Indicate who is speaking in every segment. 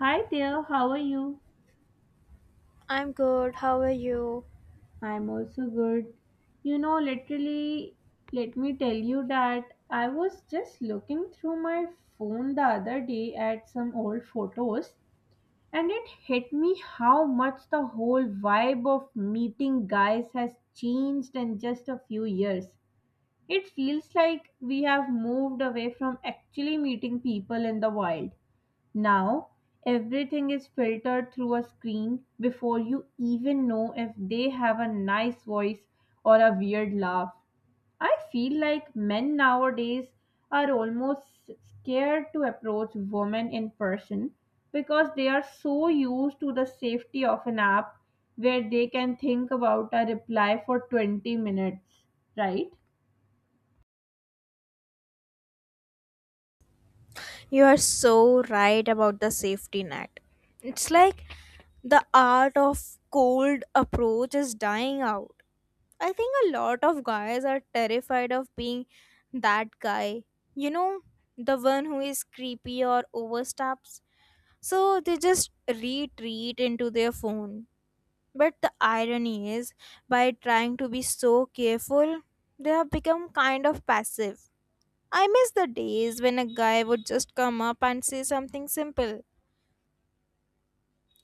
Speaker 1: Hi there, how are you?
Speaker 2: I'm good. How are you?
Speaker 1: I'm also good. You know, literally, let me tell you that I was just looking through my phone the other day at some old photos, and it hit me how much the whole vibe of meeting guys has changed in just a few years. It feels like we have moved away from actually meeting people in the wild. Now, everything is filtered through a screen before you even know if they have a nice voice or a weird laugh. I feel like men nowadays are almost scared to approach women in person because they are so used to the safety of an app where they can think about a reply for 20 minutes, right?
Speaker 2: You are so right about the safety net. It's like the art of cold approach is dying out. I think a lot of guys are terrified of being that guy. You know, the one who is creepy or oversteps. So they just retreat into their phone. But the irony is, by trying to be so careful, they have become kind of passive. I miss the days when a guy would just come up and say something simple.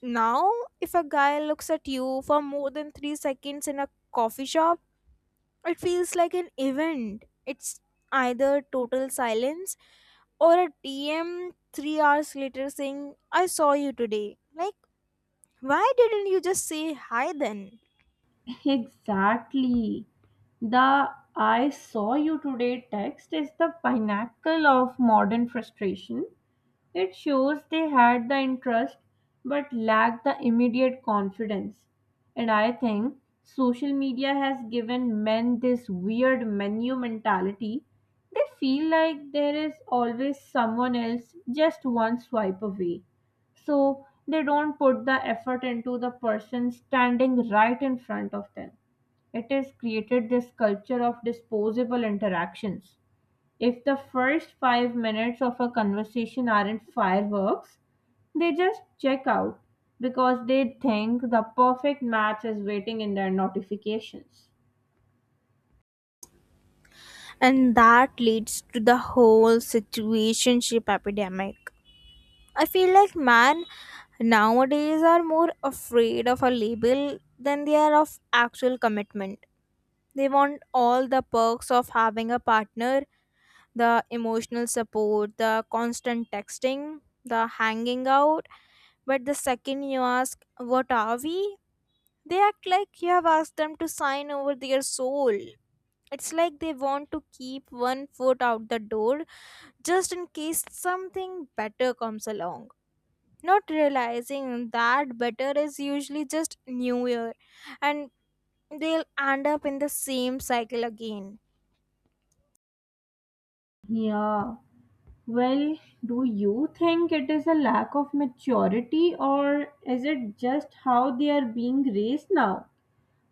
Speaker 2: Now, if a guy looks at you for more than 3 seconds in a coffee shop, it feels like an event. It's either total silence or a DM 3 hours later saying, "I saw you today." Like, why didn't you just say hi then?
Speaker 1: Exactly. The "I saw you today" text is the pinnacle of modern frustration. It shows they had the interest but lacked the immediate confidence. And I think social media has given men this weird menu mentality. They feel like there is always someone else just one swipe away. So they don't put the effort into the person standing right in front of them. It has created this culture of disposable interactions. If the first 5 minutes of a conversation aren't fireworks, they just check out because they think the perfect match is waiting in their notifications.
Speaker 2: And that leads to the whole situationship epidemic. I feel like man, nowadays, are more afraid of a label than they are of actual commitment. They want all the perks of having a partner: the emotional support, the constant texting, the hanging out. But the second you ask, "What are we?" they act like you have asked them to sign over their soul. It's like they want to keep 1 foot out the door just in case something better comes along, not realizing that better is usually just new year, and they'll end up in the same cycle again.
Speaker 1: Yeah. Well, do you think it is a lack of maturity, or is it just how they are being raised now?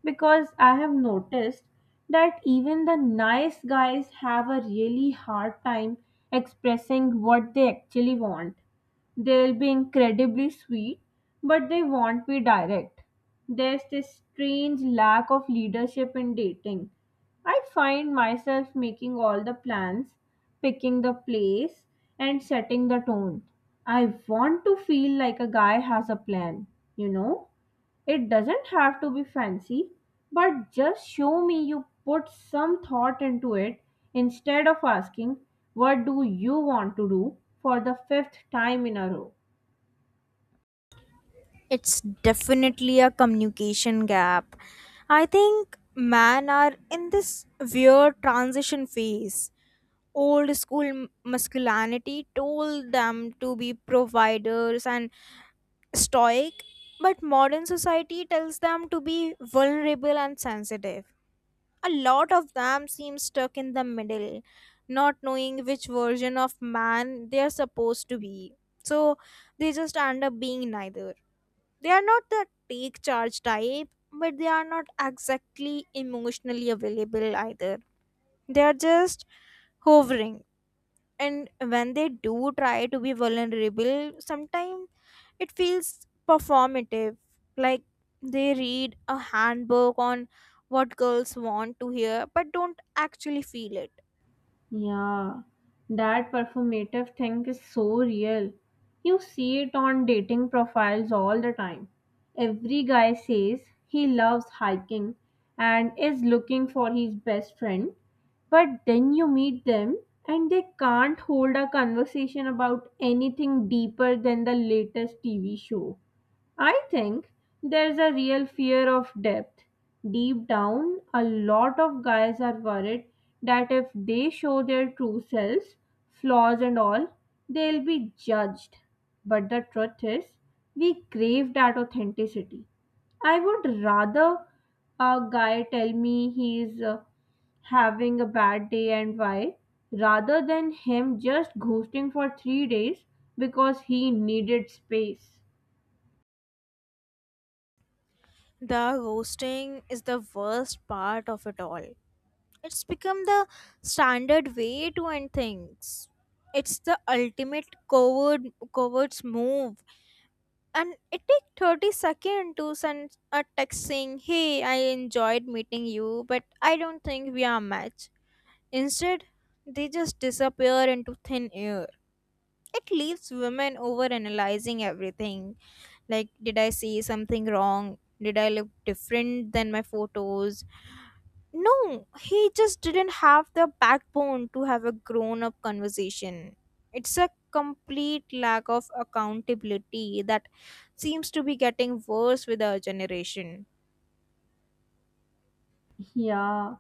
Speaker 1: Because I have noticed that even the nice guys have a really hard time expressing what they actually want. They'll be incredibly sweet, but they won't be direct. There's this strange lack of leadership in dating. I find myself making all the plans, picking the place, and setting the tone. I want to feel like a guy has a plan, you know? It doesn't have to be fancy, but just show me you put some thought into it instead of asking, "What do you want to do?" for the fifth time in a row.
Speaker 2: It's definitely a communication gap. I think men are in this weird transition phase. Old school masculinity told them to be providers and stoic, but modern society tells them to be vulnerable and sensitive. A lot of them seem stuck in the middle, not knowing which version of man they are supposed to be. So they just end up being neither. They are not the take charge type, but they are not exactly emotionally available either. They are just hovering. And when they do try to be vulnerable, sometimes it feels performative, like they read a handbook on what girls want to hear but don't actually feel it.
Speaker 1: Yeah, that performative thing is so real. You see it on dating profiles all the time. Every guy says he loves hiking and is looking for his best friend, but then you meet them and they can't hold a conversation about anything deeper than the latest TV show. I think there's a real fear of depth. Deep down, a lot of guys are worried that if they show their true selves, flaws and all, they'll be judged. But the truth is, we crave that authenticity. I would rather a guy tell me he's having a bad day and why, rather than him just ghosting for 3 days because he needed space.
Speaker 2: The ghosting is the worst part of it all. It's become the standard way to end things. It's the ultimate covert's move. And it takes 30 seconds to send a text saying, "Hey, I enjoyed meeting you, but I don't think we are a match." Instead, they just disappear into thin air. It leaves women overanalyzing everything. Like, did I say something wrong? Did I look different than my photos? No, he just didn't have the backbone to have a grown up conversation. It's a complete lack of accountability that seems to be getting worse with our generation.
Speaker 1: Yeah,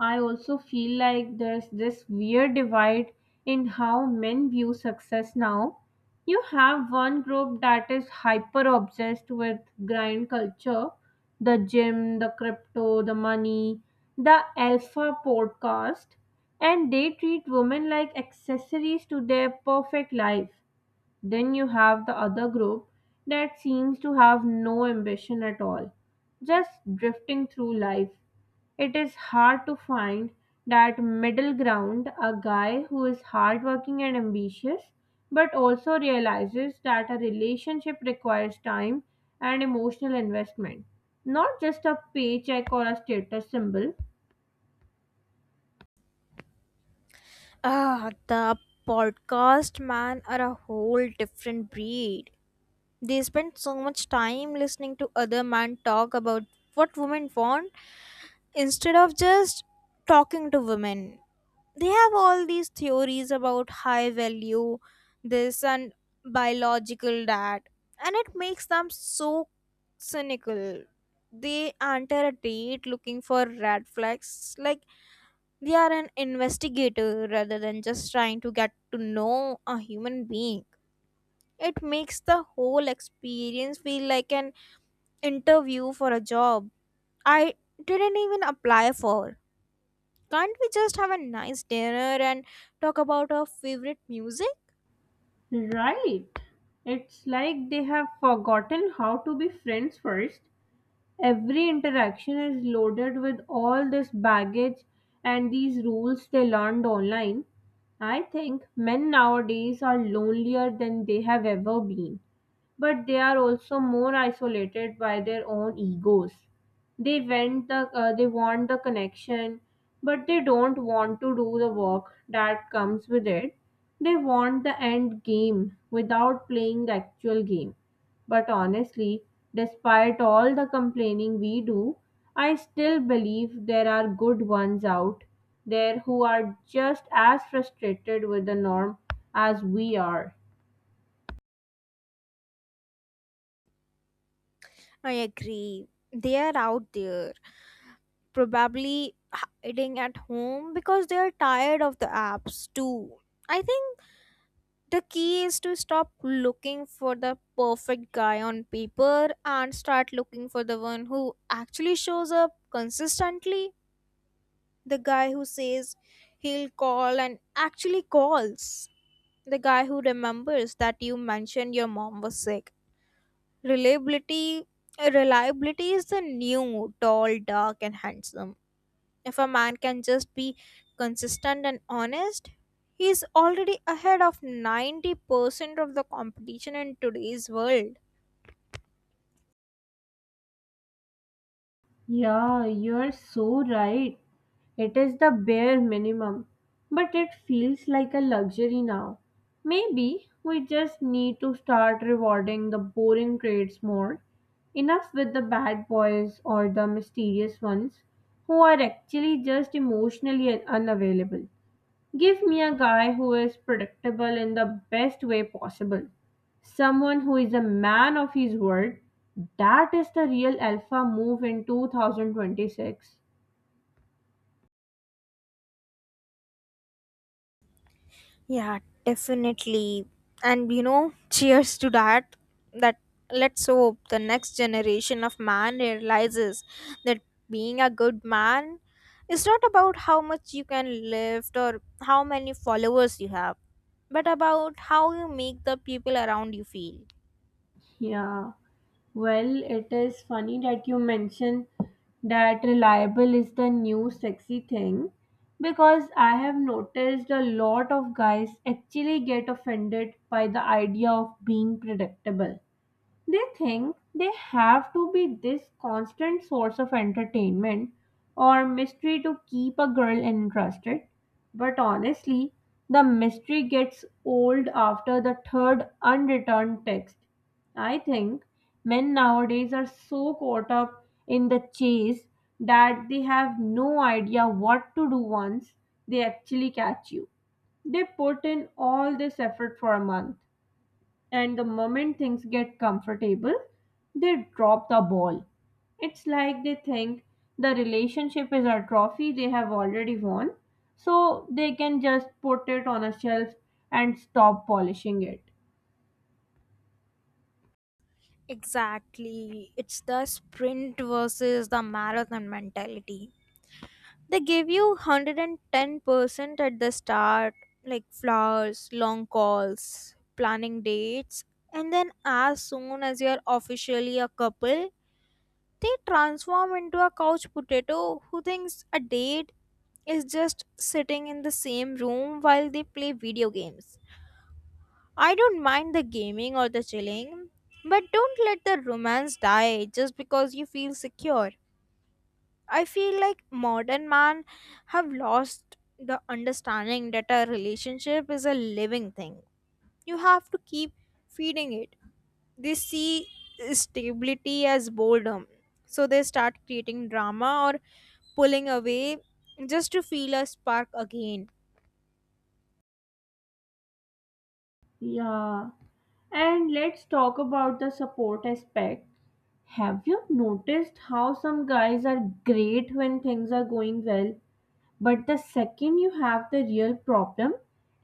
Speaker 1: I also feel like there's this weird divide in how men view success now. You have one group that is hyper obsessed with grind culture, the gym, the crypto, the money, the alpha podcast, and they treat women like accessories to their perfect life. Then you have the other group that seems to have no ambition at all, just drifting through life. It is hard to find that middle ground, a guy who is hardworking and ambitious, but also realizes that a relationship requires time and emotional investment, not just a paycheck or a status symbol.
Speaker 2: Ah, the podcast man are a whole different breed. They spend so much time listening to other men talk about what women want instead of just talking to women. They have all these theories about high value this and biological that, and it makes them so cynical. They enter a date looking for red flags like they are an investigator rather than just trying to get to know a human being. It makes the whole experience feel like an interview for a job I didn't even apply for. Can't we just have a nice dinner and talk about our favorite music?
Speaker 1: Right. It's like they have forgotten how to be friends first. Every interaction is loaded with all this baggage and these rules they learned online. I think men nowadays are lonelier than they have ever been, but they are also more isolated by their own egos. They want the connection, but they don't want to do the work that comes with it. They want the end game without playing the actual game. But honestly, despite all the complaining we do, I still believe there are good ones out there who are just as frustrated with the norm as we are.
Speaker 2: I agree. They are out there, probably hiding at home because they are tired of the apps too. I think the key is to stop looking for the perfect guy on paper and start looking for the one who actually shows up consistently. The guy who says he'll call and actually calls. The guy who remembers that you mentioned your mom was sick. Reliability reliability is the new tall, dark and handsome. If a man can just be consistent and honest, he is already ahead of 90% of the competition in today's world.
Speaker 1: Yeah, you are so right. It is the bare minimum, but it feels like a luxury now. Maybe we just need to start rewarding the boring trades more. Enough with the bad boys or the mysterious ones who are actually just emotionally unavailable. Give me a guy who is predictable in the best way possible. Someone who is a man of his word. That is the real alpha move in 2026.
Speaker 2: Yeah, definitely. And you know, cheers to that. That let's hope the next generation of man realizes that being a good man is not about how much you can lift or how many followers you have, but about how you make the people around you feel.
Speaker 1: Yeah. Well, it is funny that you mention that reliable is the new sexy thing, because I have noticed a lot of guys actually get offended by the idea of being predictable. They think they have to be this constant source of entertainment or mystery to keep a girl interested. But honestly, the mystery gets old after the third unreturned text. I think men nowadays are so caught up in the chase that they have no idea what to do once they actually catch you. They put in all this effort for a month, and the moment things get comfortable, they drop the ball. It's like they think the relationship is a trophy they have already won, so they can just put it on a shelf and stop polishing it.
Speaker 2: Exactly. It's the sprint versus the marathon mentality. They give you 110% at the start, like flowers, long calls, planning dates, and then as soon as you're officially a couple, they transform into a couch potato who thinks a date is just sitting in the same room while they play video games. I don't mind the gaming or the chilling, but don't let the romance die just because you feel secure. I feel like modern man have lost the understanding that a relationship is a living thing. You have to keep feeding it. They see stability as boredom. So they start creating drama or pulling away just to feel a spark again.
Speaker 1: Yeah. And let's talk about the support aspect. Have you noticed how some guys are great when things are going well, but the second you have the real problem,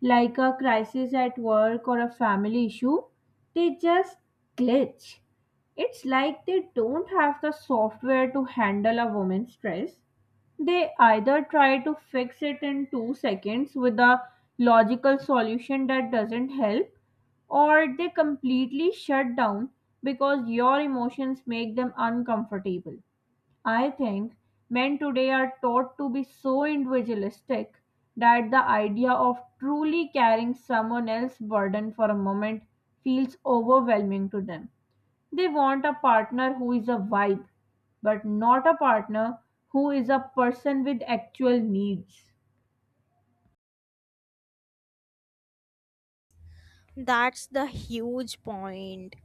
Speaker 1: like a crisis at work or a family issue, they just glitch. It's like they don't have the software to handle a woman's stress. They either try to fix it in 2 seconds with a logical solution that doesn't help, or they completely shut down because your emotions make them uncomfortable. I think men today are taught to be so individualistic that the idea of truly carrying someone else's burden for a moment feels overwhelming to them. They want a partner who is a vibe, but not a partner who is a person with actual needs.
Speaker 2: That's the huge point.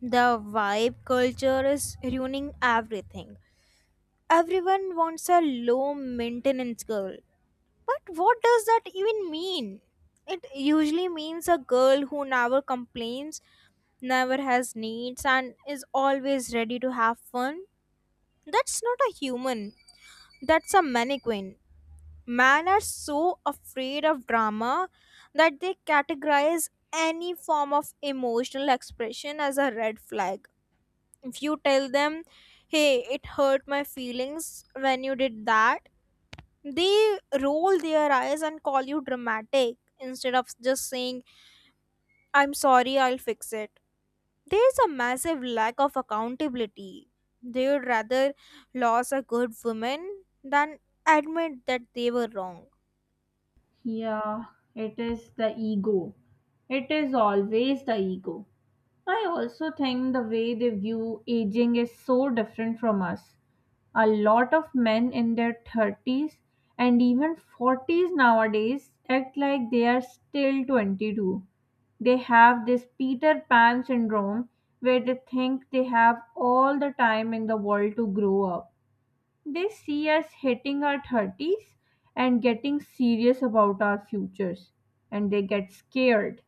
Speaker 2: The vibe culture is ruining everything. Everyone wants a low maintenance girl. But what does that even mean? It usually means a girl who never complains, never has needs, and is always ready to have fun. That's not a human, that's a mannequin. Men are so afraid of drama that they categorize any form of emotional expression as a red flag. If you tell them, "Hey, it hurt my feelings when you did that," they roll their eyes and call you dramatic instead of just saying, "I'm sorry, I'll fix it." There's a massive lack of accountability. They would rather lose a good woman than admit that they were wrong.
Speaker 1: Yeah, it is the ego. It is always the ego. I also think the way they view aging is so different from us. A lot of men in their 30s and even 40s nowadays act like they are still 22. They have this Peter Pan syndrome where they think they have all the time in the world to grow up. They see us hitting our 30s and getting serious about our futures, and they get scared.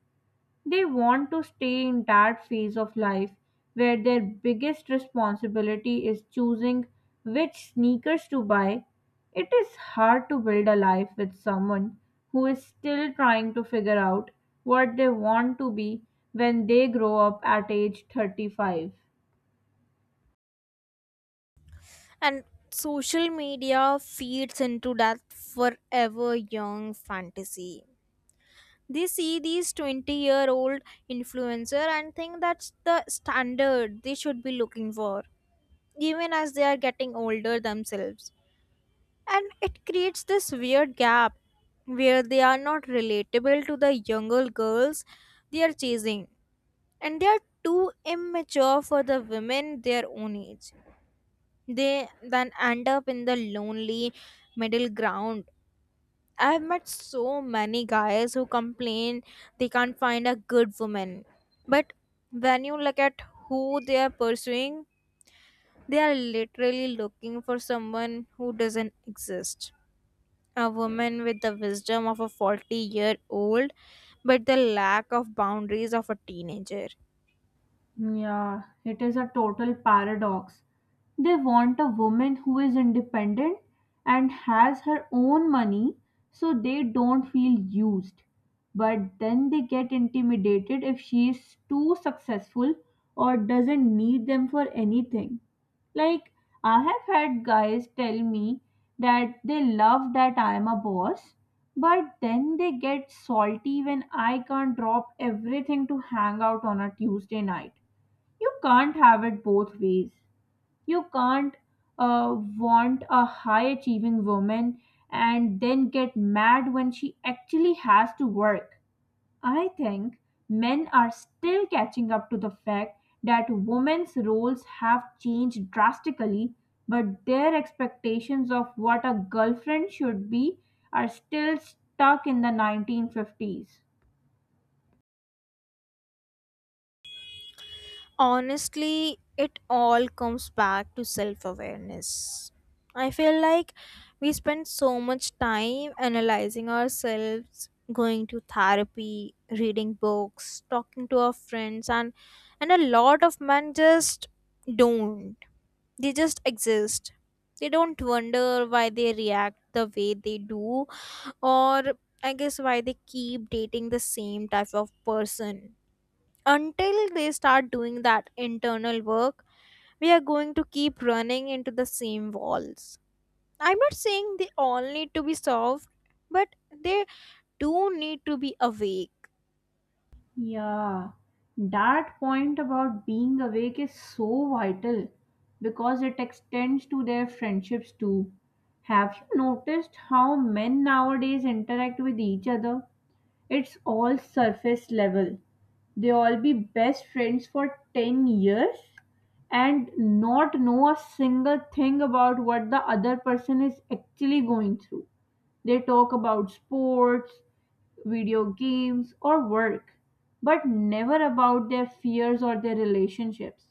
Speaker 1: They want to stay in that phase of life where their biggest responsibility is choosing which sneakers to buy. It is hard to build a life with someone who is still trying to figure out what they want to be when they grow up at age 35.
Speaker 2: And social media feeds into that forever young fantasy. They see these 20-year-old influencer and think that's the standard they should be looking for, even as they are getting older themselves. And it creates this weird gap where they are not relatable to the younger girls they are chasing, and they are too immature for the women their own age. They then end up in the lonely middle ground. I've met so many guys who complain they can't find a good woman. But when you look at who they are pursuing, they are literally looking for someone who doesn't exist: a woman with the wisdom of a 40-year-old, but the lack of boundaries of a teenager.
Speaker 1: Yeah, it is a total paradox. They want a woman who is independent and has her own money so they don't feel used. But then they get intimidated if she is too successful or doesn't need them for anything. Like, I have had guys tell me that they love that I am a boss, but then they get salty when I can't drop everything to hang out on a Tuesday night. You can't have it both ways. You can't want a high achieving woman and then get mad when she actually has to work. I think men are still catching up to the fact that women's roles have changed drastically, but their expectations of what a girlfriend should be are still stuck in the 1950s.
Speaker 2: Honestly, it all comes back to self awareness. I feel like we spend so much time analyzing ourselves, going to therapy, reading books, talking to our friends, and a lot of men just don't. They just exist. They don't wonder why they react the way they do, or I guess why they keep dating the same type of person. Until they start doing that internal work, we are going to keep running into the same walls. I'm not saying they all need to be solved, but they do need to be awake.
Speaker 1: Yeah, that point about being awake is so vital because it extends to their friendships too. Have you noticed how men nowadays interact with each other? It's all surface level. They all be best friends for 10 years and not know a single thing about what the other person is actually going through. They talk about sports, video games, or work, but never about their fears or their relationships.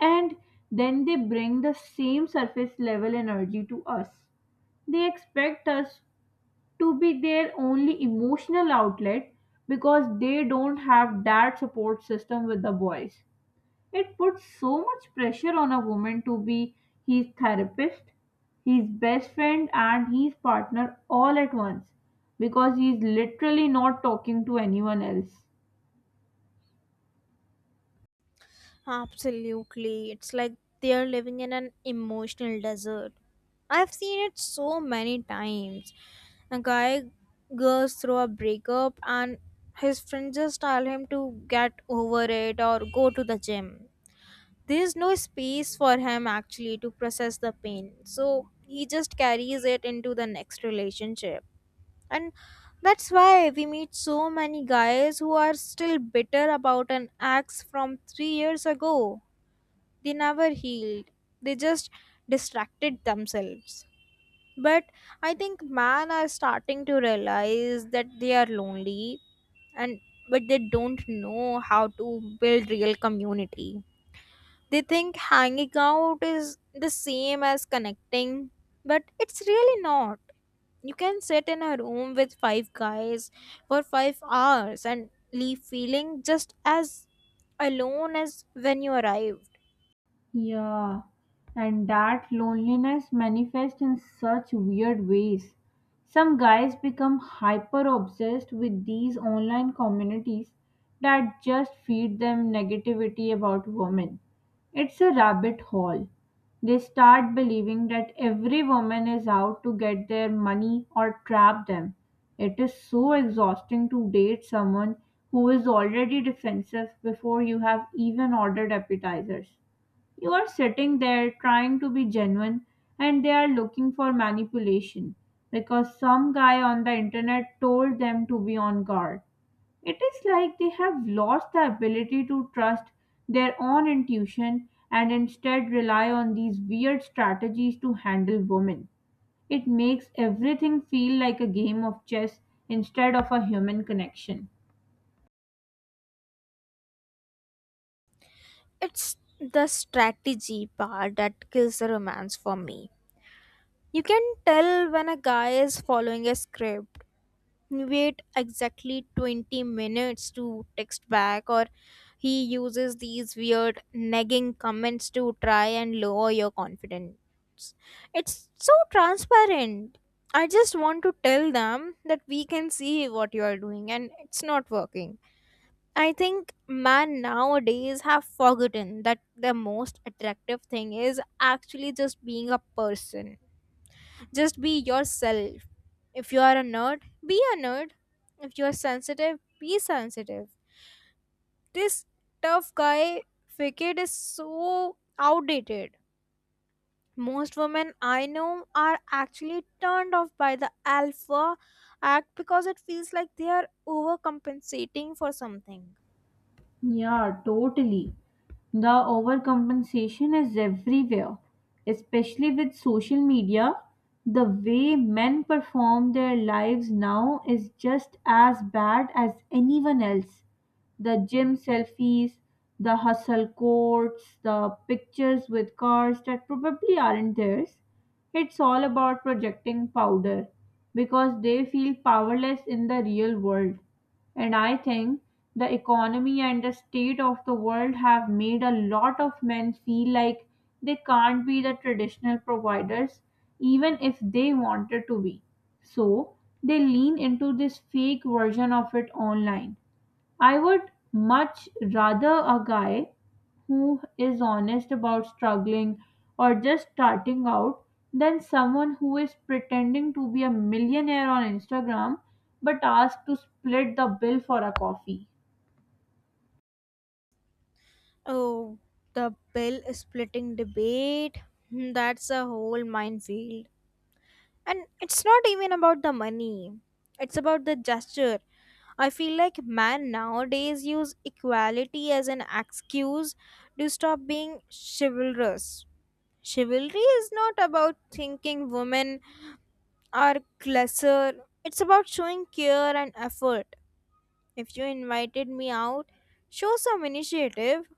Speaker 1: And then they bring the same surface level energy to us. They expect us to be their only emotional outlet because they don't have that support system with the boys. It puts so much pressure on a woman to be his therapist, his best friend, and his partner all at once, because he is literally not talking to anyone else.
Speaker 2: Absolutely. It's like they're living in an emotional desert. I've seen it so many times. A guy goes through a breakup and his friends just tell him to get over it or go to the gym. There's no space for him actually to process the pain. So he just carries it into the next relationship. And that's why we meet so many guys who are still bitter about an ex from 3 years ago. They never healed, they just distracted themselves. But I think man are starting to realize that they are lonely, and but they don't know how to build real community. They think hanging out is the same as connecting, but it's really not. You can sit in a room with five guys for 5 hours and leave feeling just as alone as when you arrive.
Speaker 1: Yeah, and that loneliness manifests in such weird ways. Some guys become hyper obsessed with these online communities that just feed them negativity about women. It's a rabbit hole. They start believing that every woman is out to get their money or trap them. It is so exhausting to date someone who is already defensive before you have even ordered appetizers. You are sitting there trying to be genuine, and they are looking for manipulation because some guy on the internet told them to be on guard. It is like they have lost the ability to trust their own intuition and instead rely on these weird strategies to handle women. It makes everything feel like a game of chess instead of a human connection.
Speaker 2: It's the strategy part that kills the romance for me. You can tell when a guy is following a script. Wait exactly 20 minutes to text back, or he uses these weird nagging comments to try and lower your confidence. It's so transparent. I just want to tell them that we can see what you are doing and it's not working. I think man nowadays have forgotten that the most attractive thing is actually just being a person. Just be yourself. If you are a nerd, be a nerd. If you are sensitive, be sensitive. This tough guy facade is so outdated. Most women I know are actually turned off by the alpha act because it feels like they are overcompensating for something.
Speaker 1: Yeah, totally. The overcompensation is everywhere, especially with social media. The way men perform their lives now is just as bad as anyone else. The gym selfies, the hustle quotes, the pictures with cars that probably aren't theirs. It's all about projecting powder because they feel powerless in the real world. And I think the economy and the state of the world have made a lot of men feel like they can't be the traditional providers, even if they wanted to be. So they lean into this fake version of it online. I would much rather a guy who is honest about struggling or just starting out than someone who is pretending to be a millionaire on Instagram but asked to split the bill for a coffee.
Speaker 2: Oh, the bill splitting debate. Hmm, that's a whole minefield. And it's not even about the money, it's about the gesture. I feel like men nowadays use equality as an excuse to stop being chivalrous. Chivalry is not about thinking women are lesser, it's about showing care and effort. If you invited me out, show some initiative.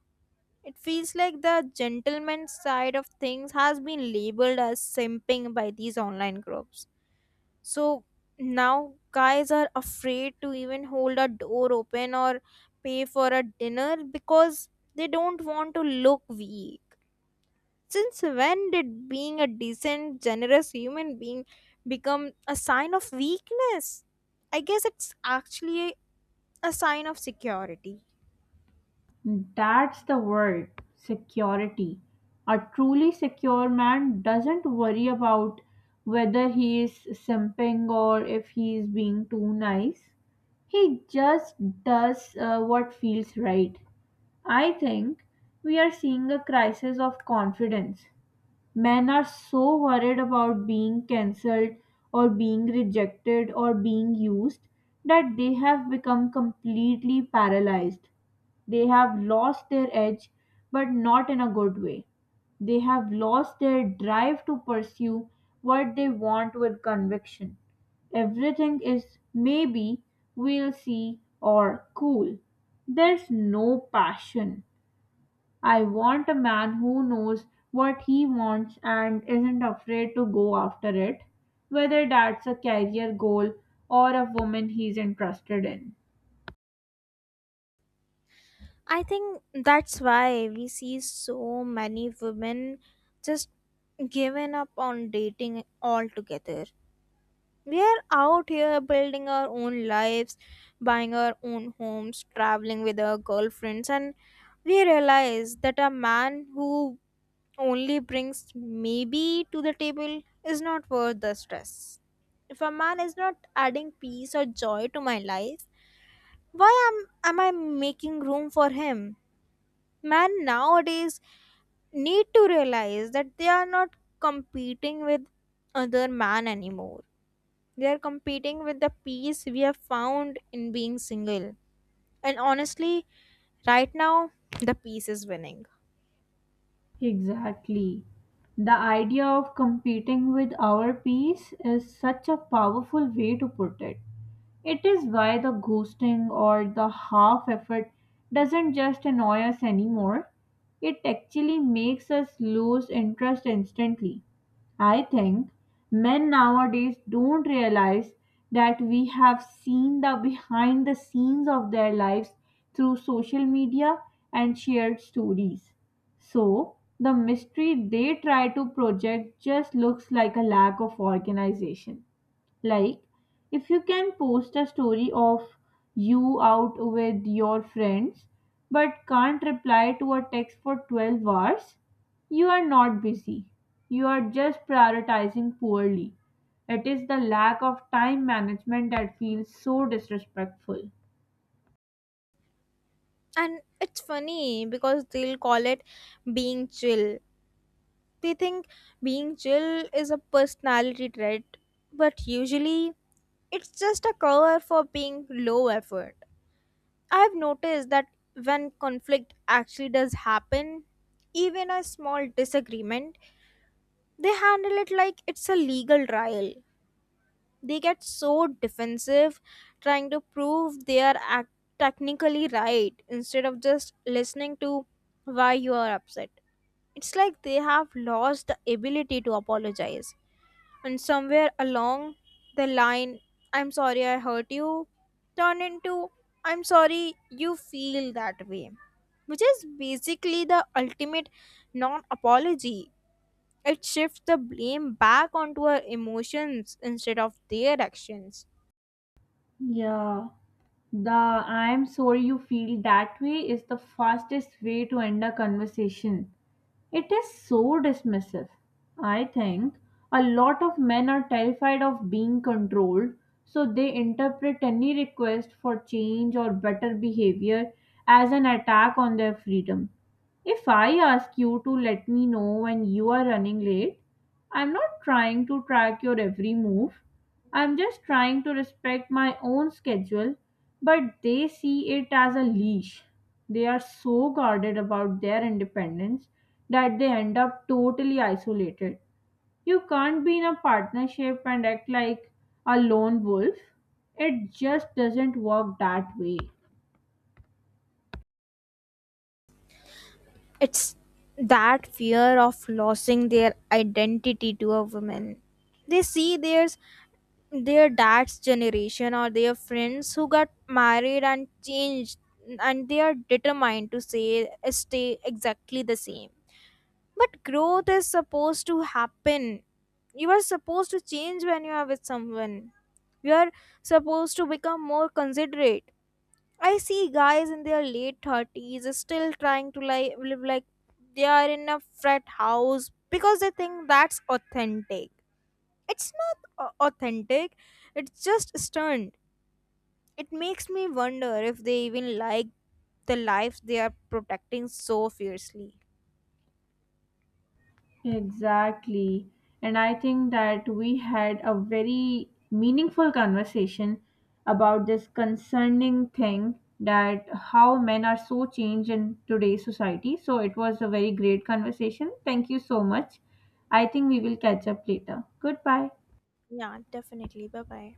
Speaker 2: It feels like the gentleman side of things has been labeled as simping by these online groups. So now guys are afraid to even hold a door open or pay for a dinner because they don't want to look weak. Since when did being a decent, generous human being become a sign of weakness? I guess it's actually a sign of security.
Speaker 1: That's the word, security. A truly secure man doesn't worry about whether he is simping or if he is being too nice. He just does what feels right. I think we are seeing a crisis of confidence. Men are so worried about being cancelled or being rejected or being used that they have become completely paralyzed. They have lost their edge, but not in a good way. They have lost their drive to pursue what they want with conviction. Everything is maybe, we'll see, or cool. There's no passion. I want a man who knows what he wants and isn't afraid to go after it, whether that's a career goal or a woman he's interested in.
Speaker 2: I think that's why we see so many women just given up on dating altogether. We are out here building our own lives, buying our own homes, traveling with our girlfriends, and we realize that a man who only brings maybe to the table is not worth the stress. If a man is not adding peace or joy to my life, why am I making room for him? Men nowadays need to realize that they are not competing with other man anymore. They are competing with the peace we have found in being single. And honestly, right now, the peace is winning.
Speaker 1: Exactly. The idea of competing with our peace is such a powerful way to put it. It is why the ghosting or the half effort doesn't just annoy us anymore, it actually makes us lose interest instantly. I think men nowadays don't realize that we have seen the behind the scenes of their lives through social media and shared stories. So, the mystery they try to project just looks like a lack of organization. Like, if you can post a story of you out with your friends but can't reply to a text for 12 hours, you are not busy. You are just prioritizing poorly. It is the lack of time management that feels so disrespectful.
Speaker 2: And it's funny because they'll call it being chill. They think being chill is a personality trait, but usually it's just a cover for being low effort. I've noticed that when conflict actually does happen, even a small disagreement, they handle it like it's a legal trial. They get so defensive trying to prove they are technically right instead of just listening to why you are upset. It's like they have lost the ability to apologize. And somewhere along the line, "I'm sorry I hurt you" turn into "I'm sorry you feel that way," which is basically the ultimate non apology. It shifts the blame back onto our emotions instead of their actions.
Speaker 1: Yeah. The "I'm sorry you feel that way" is the fastest way to end a conversation. It is so dismissive. I think a lot of men are terrified of being controlled, so they interpret any request for change or better behavior as an attack on their freedom. If I ask you to let me know when you are running late, I'm not trying to track your every move. I'm just trying to respect my own schedule, but they see it as a leash. They are so guarded about their independence that they end up totally isolated. You can't be in a partnership and act like a lone wolf. It just doesn't work that way.
Speaker 2: It's that fear of losing their identity to a woman. They see their dad's generation or their friends who got married and changed, and they are determined to say stay exactly the same. But growth is supposed to happen. You are supposed to change when you are with someone. You are supposed to become more considerate. I see guys in their late 30s still trying to like live like they are in a frat house because they think that's authentic. It's not authentic, it's just stern. It makes me wonder if they even like the lives they are protecting so fiercely.
Speaker 1: Exactly. And I think that we had a very meaningful conversation about this concerning thing, that how men are so changed in today's society. So it was a very great conversation. Thank you so much. I think we will catch up later. Goodbye.
Speaker 2: Yeah, definitely. Bye bye.